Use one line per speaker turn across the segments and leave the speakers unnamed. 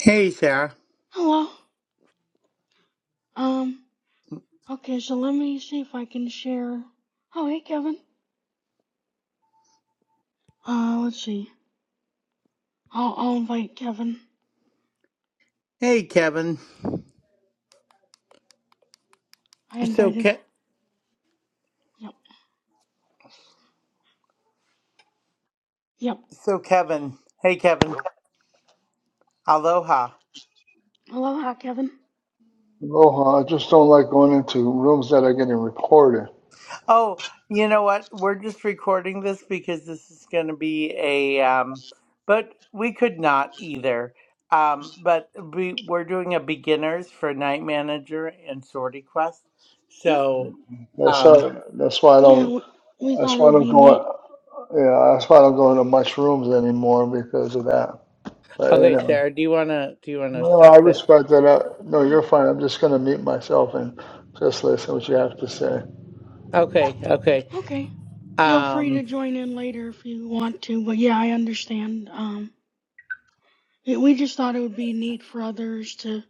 Hey Sarah.
Hello. Um, okay, so let me see if I can share. Oh, hey, Kevin. Uh, let's see. I'll, I'll invite Kevin.
Hey Kevin.
I
So
invited.
Ke-
Yep. Yep.
so Kevin. Hey Kevin. Aloha.
Aloha, Kevin.
No, I just don't like going into rooms that are getting recorded.
Oh, you know what? We're just recording this because this is going to be a um but we could not either. Um but we we're doing a beginners for night manager and sortie quest.
Yep.
So
That's
um
how, that's why I
Yeah,
don't.
we, we
That's
thought it
why I
would
don't
be neat.
go. Yeah, that's why I don't go into much rooms anymore because of that. But
okay
anyway,
Sarah, do you want to do you want to
no, I
stop it?
respect that. I, no,
Oh,
you're fine. I'm just gonna mute myself and just listen what you have to say.
Okay, okay.
okay. Feel free
Um,
to join in later if you want to, but yeah, I understand. Um, we we just thought it would be neat for others to,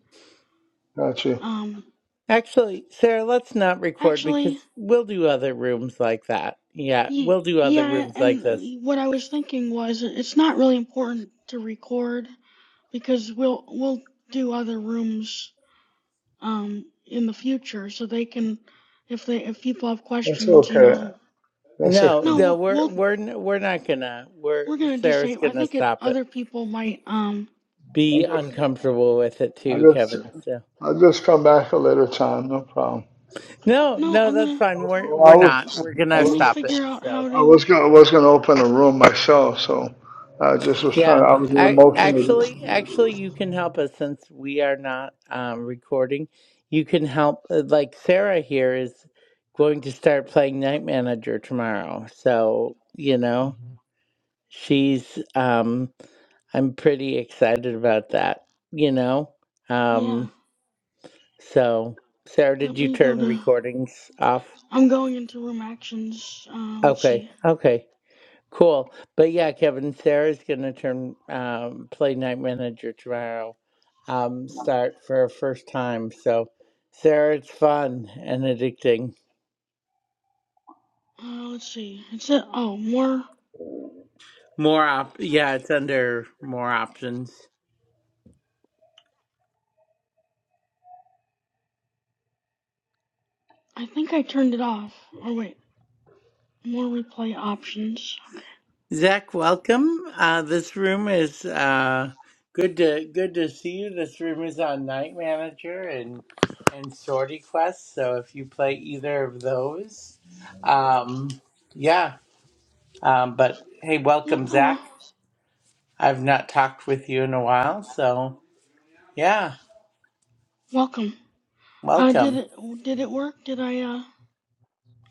Got you.
um,
Actually, Sarah, let's not record
actually.
because we'll do other rooms like that. Yeah,
Ye-
we'll do other
Yeah,
rooms like
and uh,
this.
what I was thinking was it- it's not really important to record because we'll we'll do other rooms um in the future so they can if they if people have
That's
questions, you
okay.
know.
That's okay.
No,
No,
no,
I
we'll,
we're
we'll
we're n- we're not gonna. We're
we're gonna
Sarah's
disable. I
gonna
think it
stop it.
other people might um.
Be
just,
uncomfortable with it
I
too,
just,
Kevin. So
I just come back a later time. No problem.
no,
No,
no,
I'm
that's
gonna
fine. We're
Well, I
we're not.
was,
We're
I
gonna
let me
was.
stop it.
figure out
So.
how
I was
to.
gonna was gonna open a room myself, so I just was trying.
Yeah.
I was in a
I
motion
actually actually you can help us since we are not um recording. You can help uh, like Sarah here is going to start playing Night Manager tomorrow. So, you know, she's um I'm pretty excited about that, you know.
Yeah,
Um so Sarah,
let
did you
me go
turn
to.
recordings off?
I'm going into room actions. Uh, let's
Okay.
see.
Okay. Cool. But yeah, Kevin, Sarah's gonna turn um play night manager tomorrow. Um start for her first time. So Sarah, it's fun and addicting.
Uh, let's see. It's it. Oh, more.
More op yeah, it's under more options.
I think I turned it off. Or wait, more replay options. Okay.
Zach, welcome. Uh this room is uh good to good to see you. This room is on night manager and and sortie quest. So if you play either of those, um yeah. Um but hey,
Yep,
welcome
hello.
Zach. I've not talked with you in a while, so yeah,
Welcome. Uh, did
welcome.
it, did it work? Did I, uh,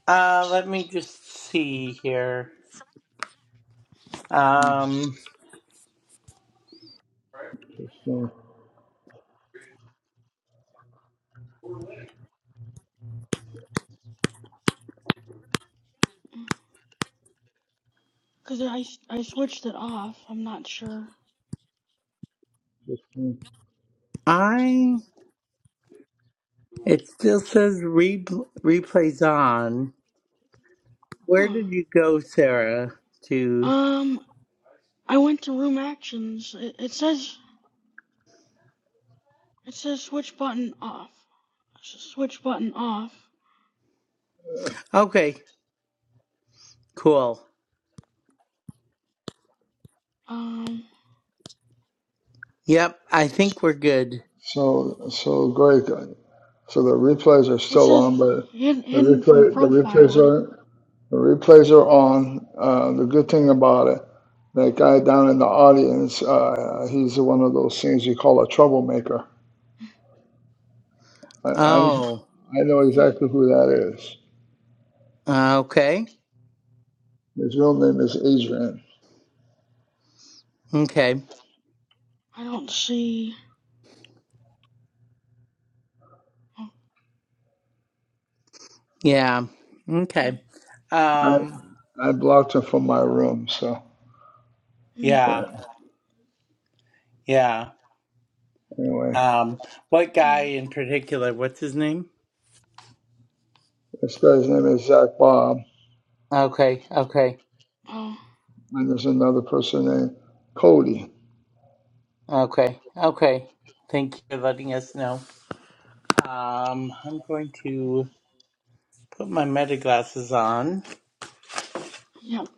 Uh, let me just see here. Um,
uh,
cause I, I switched it off. I'm not sure.
uh,
I it still says re- replays on. Where
Huh.
did you go, Sarah? To
Um, I went to room actions. It, it says, it says switch button off. Switch button off.
okay, cool.
Um,
Yep, I think we're good.
so so great. So the replays are
it
still
says
on, but
hidden,
the
hidden from
replay the
profile.
replays
I don't,
are the replays are on. Uh, the good thing about it, that guy down in the audience, uh, he's one of those things you call a troublemaker. I, I I
Oh,
know
hmm,
exactly who that is.
uh, okay,
His real name is Adrian.
okay,
I don't see. Oh,
yeah,
hmm,
okay.
I
Um,
I blocked him from my room, so
hmm,
yeah.
yeah, yeah.
Anyway.
Um, what guy
huh.
in particular? What's his name?
This guy's name is Zach Bob,
Okay, okay,
oh,
and there's another person named Cody.
okay, okay. Thank you for letting us know. Um, I'm going to put my meta glasses on.
yep.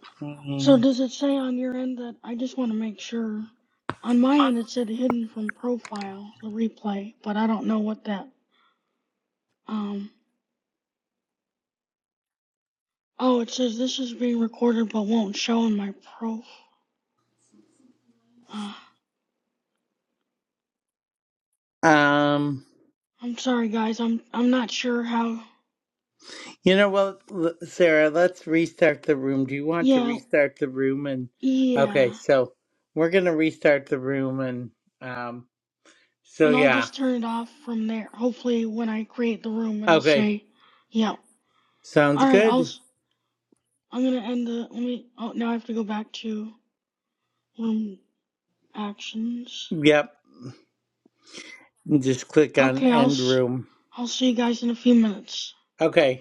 So
And,
does it say on your end that I just want to make sure? On my end, it said hidden from profile, the replay, but I don't know what that. Um. Oh, it says this is being recorded but won't show in my prof. Uh,
um,
I'm sorry, guys. I'm I'm not sure how.
you know what, l- Sarah, let's restart the room. Do you want to
Yeah,
restart the room? And okay,
yeah.
so we're gonna restart the room. And um, so
And I'll
yeah,
just turn it off from there. Hopefully, when I create the room, it'll
okay,
say, "Yeah."
sounds
All right. I'll.
good.
s- I'm gonna end the. Let me. Oh, now I have to go back to room actions.
Yep, just click on
Okay, I'll
end
s-
room.
I'll see you guys in a few minutes.
Okay.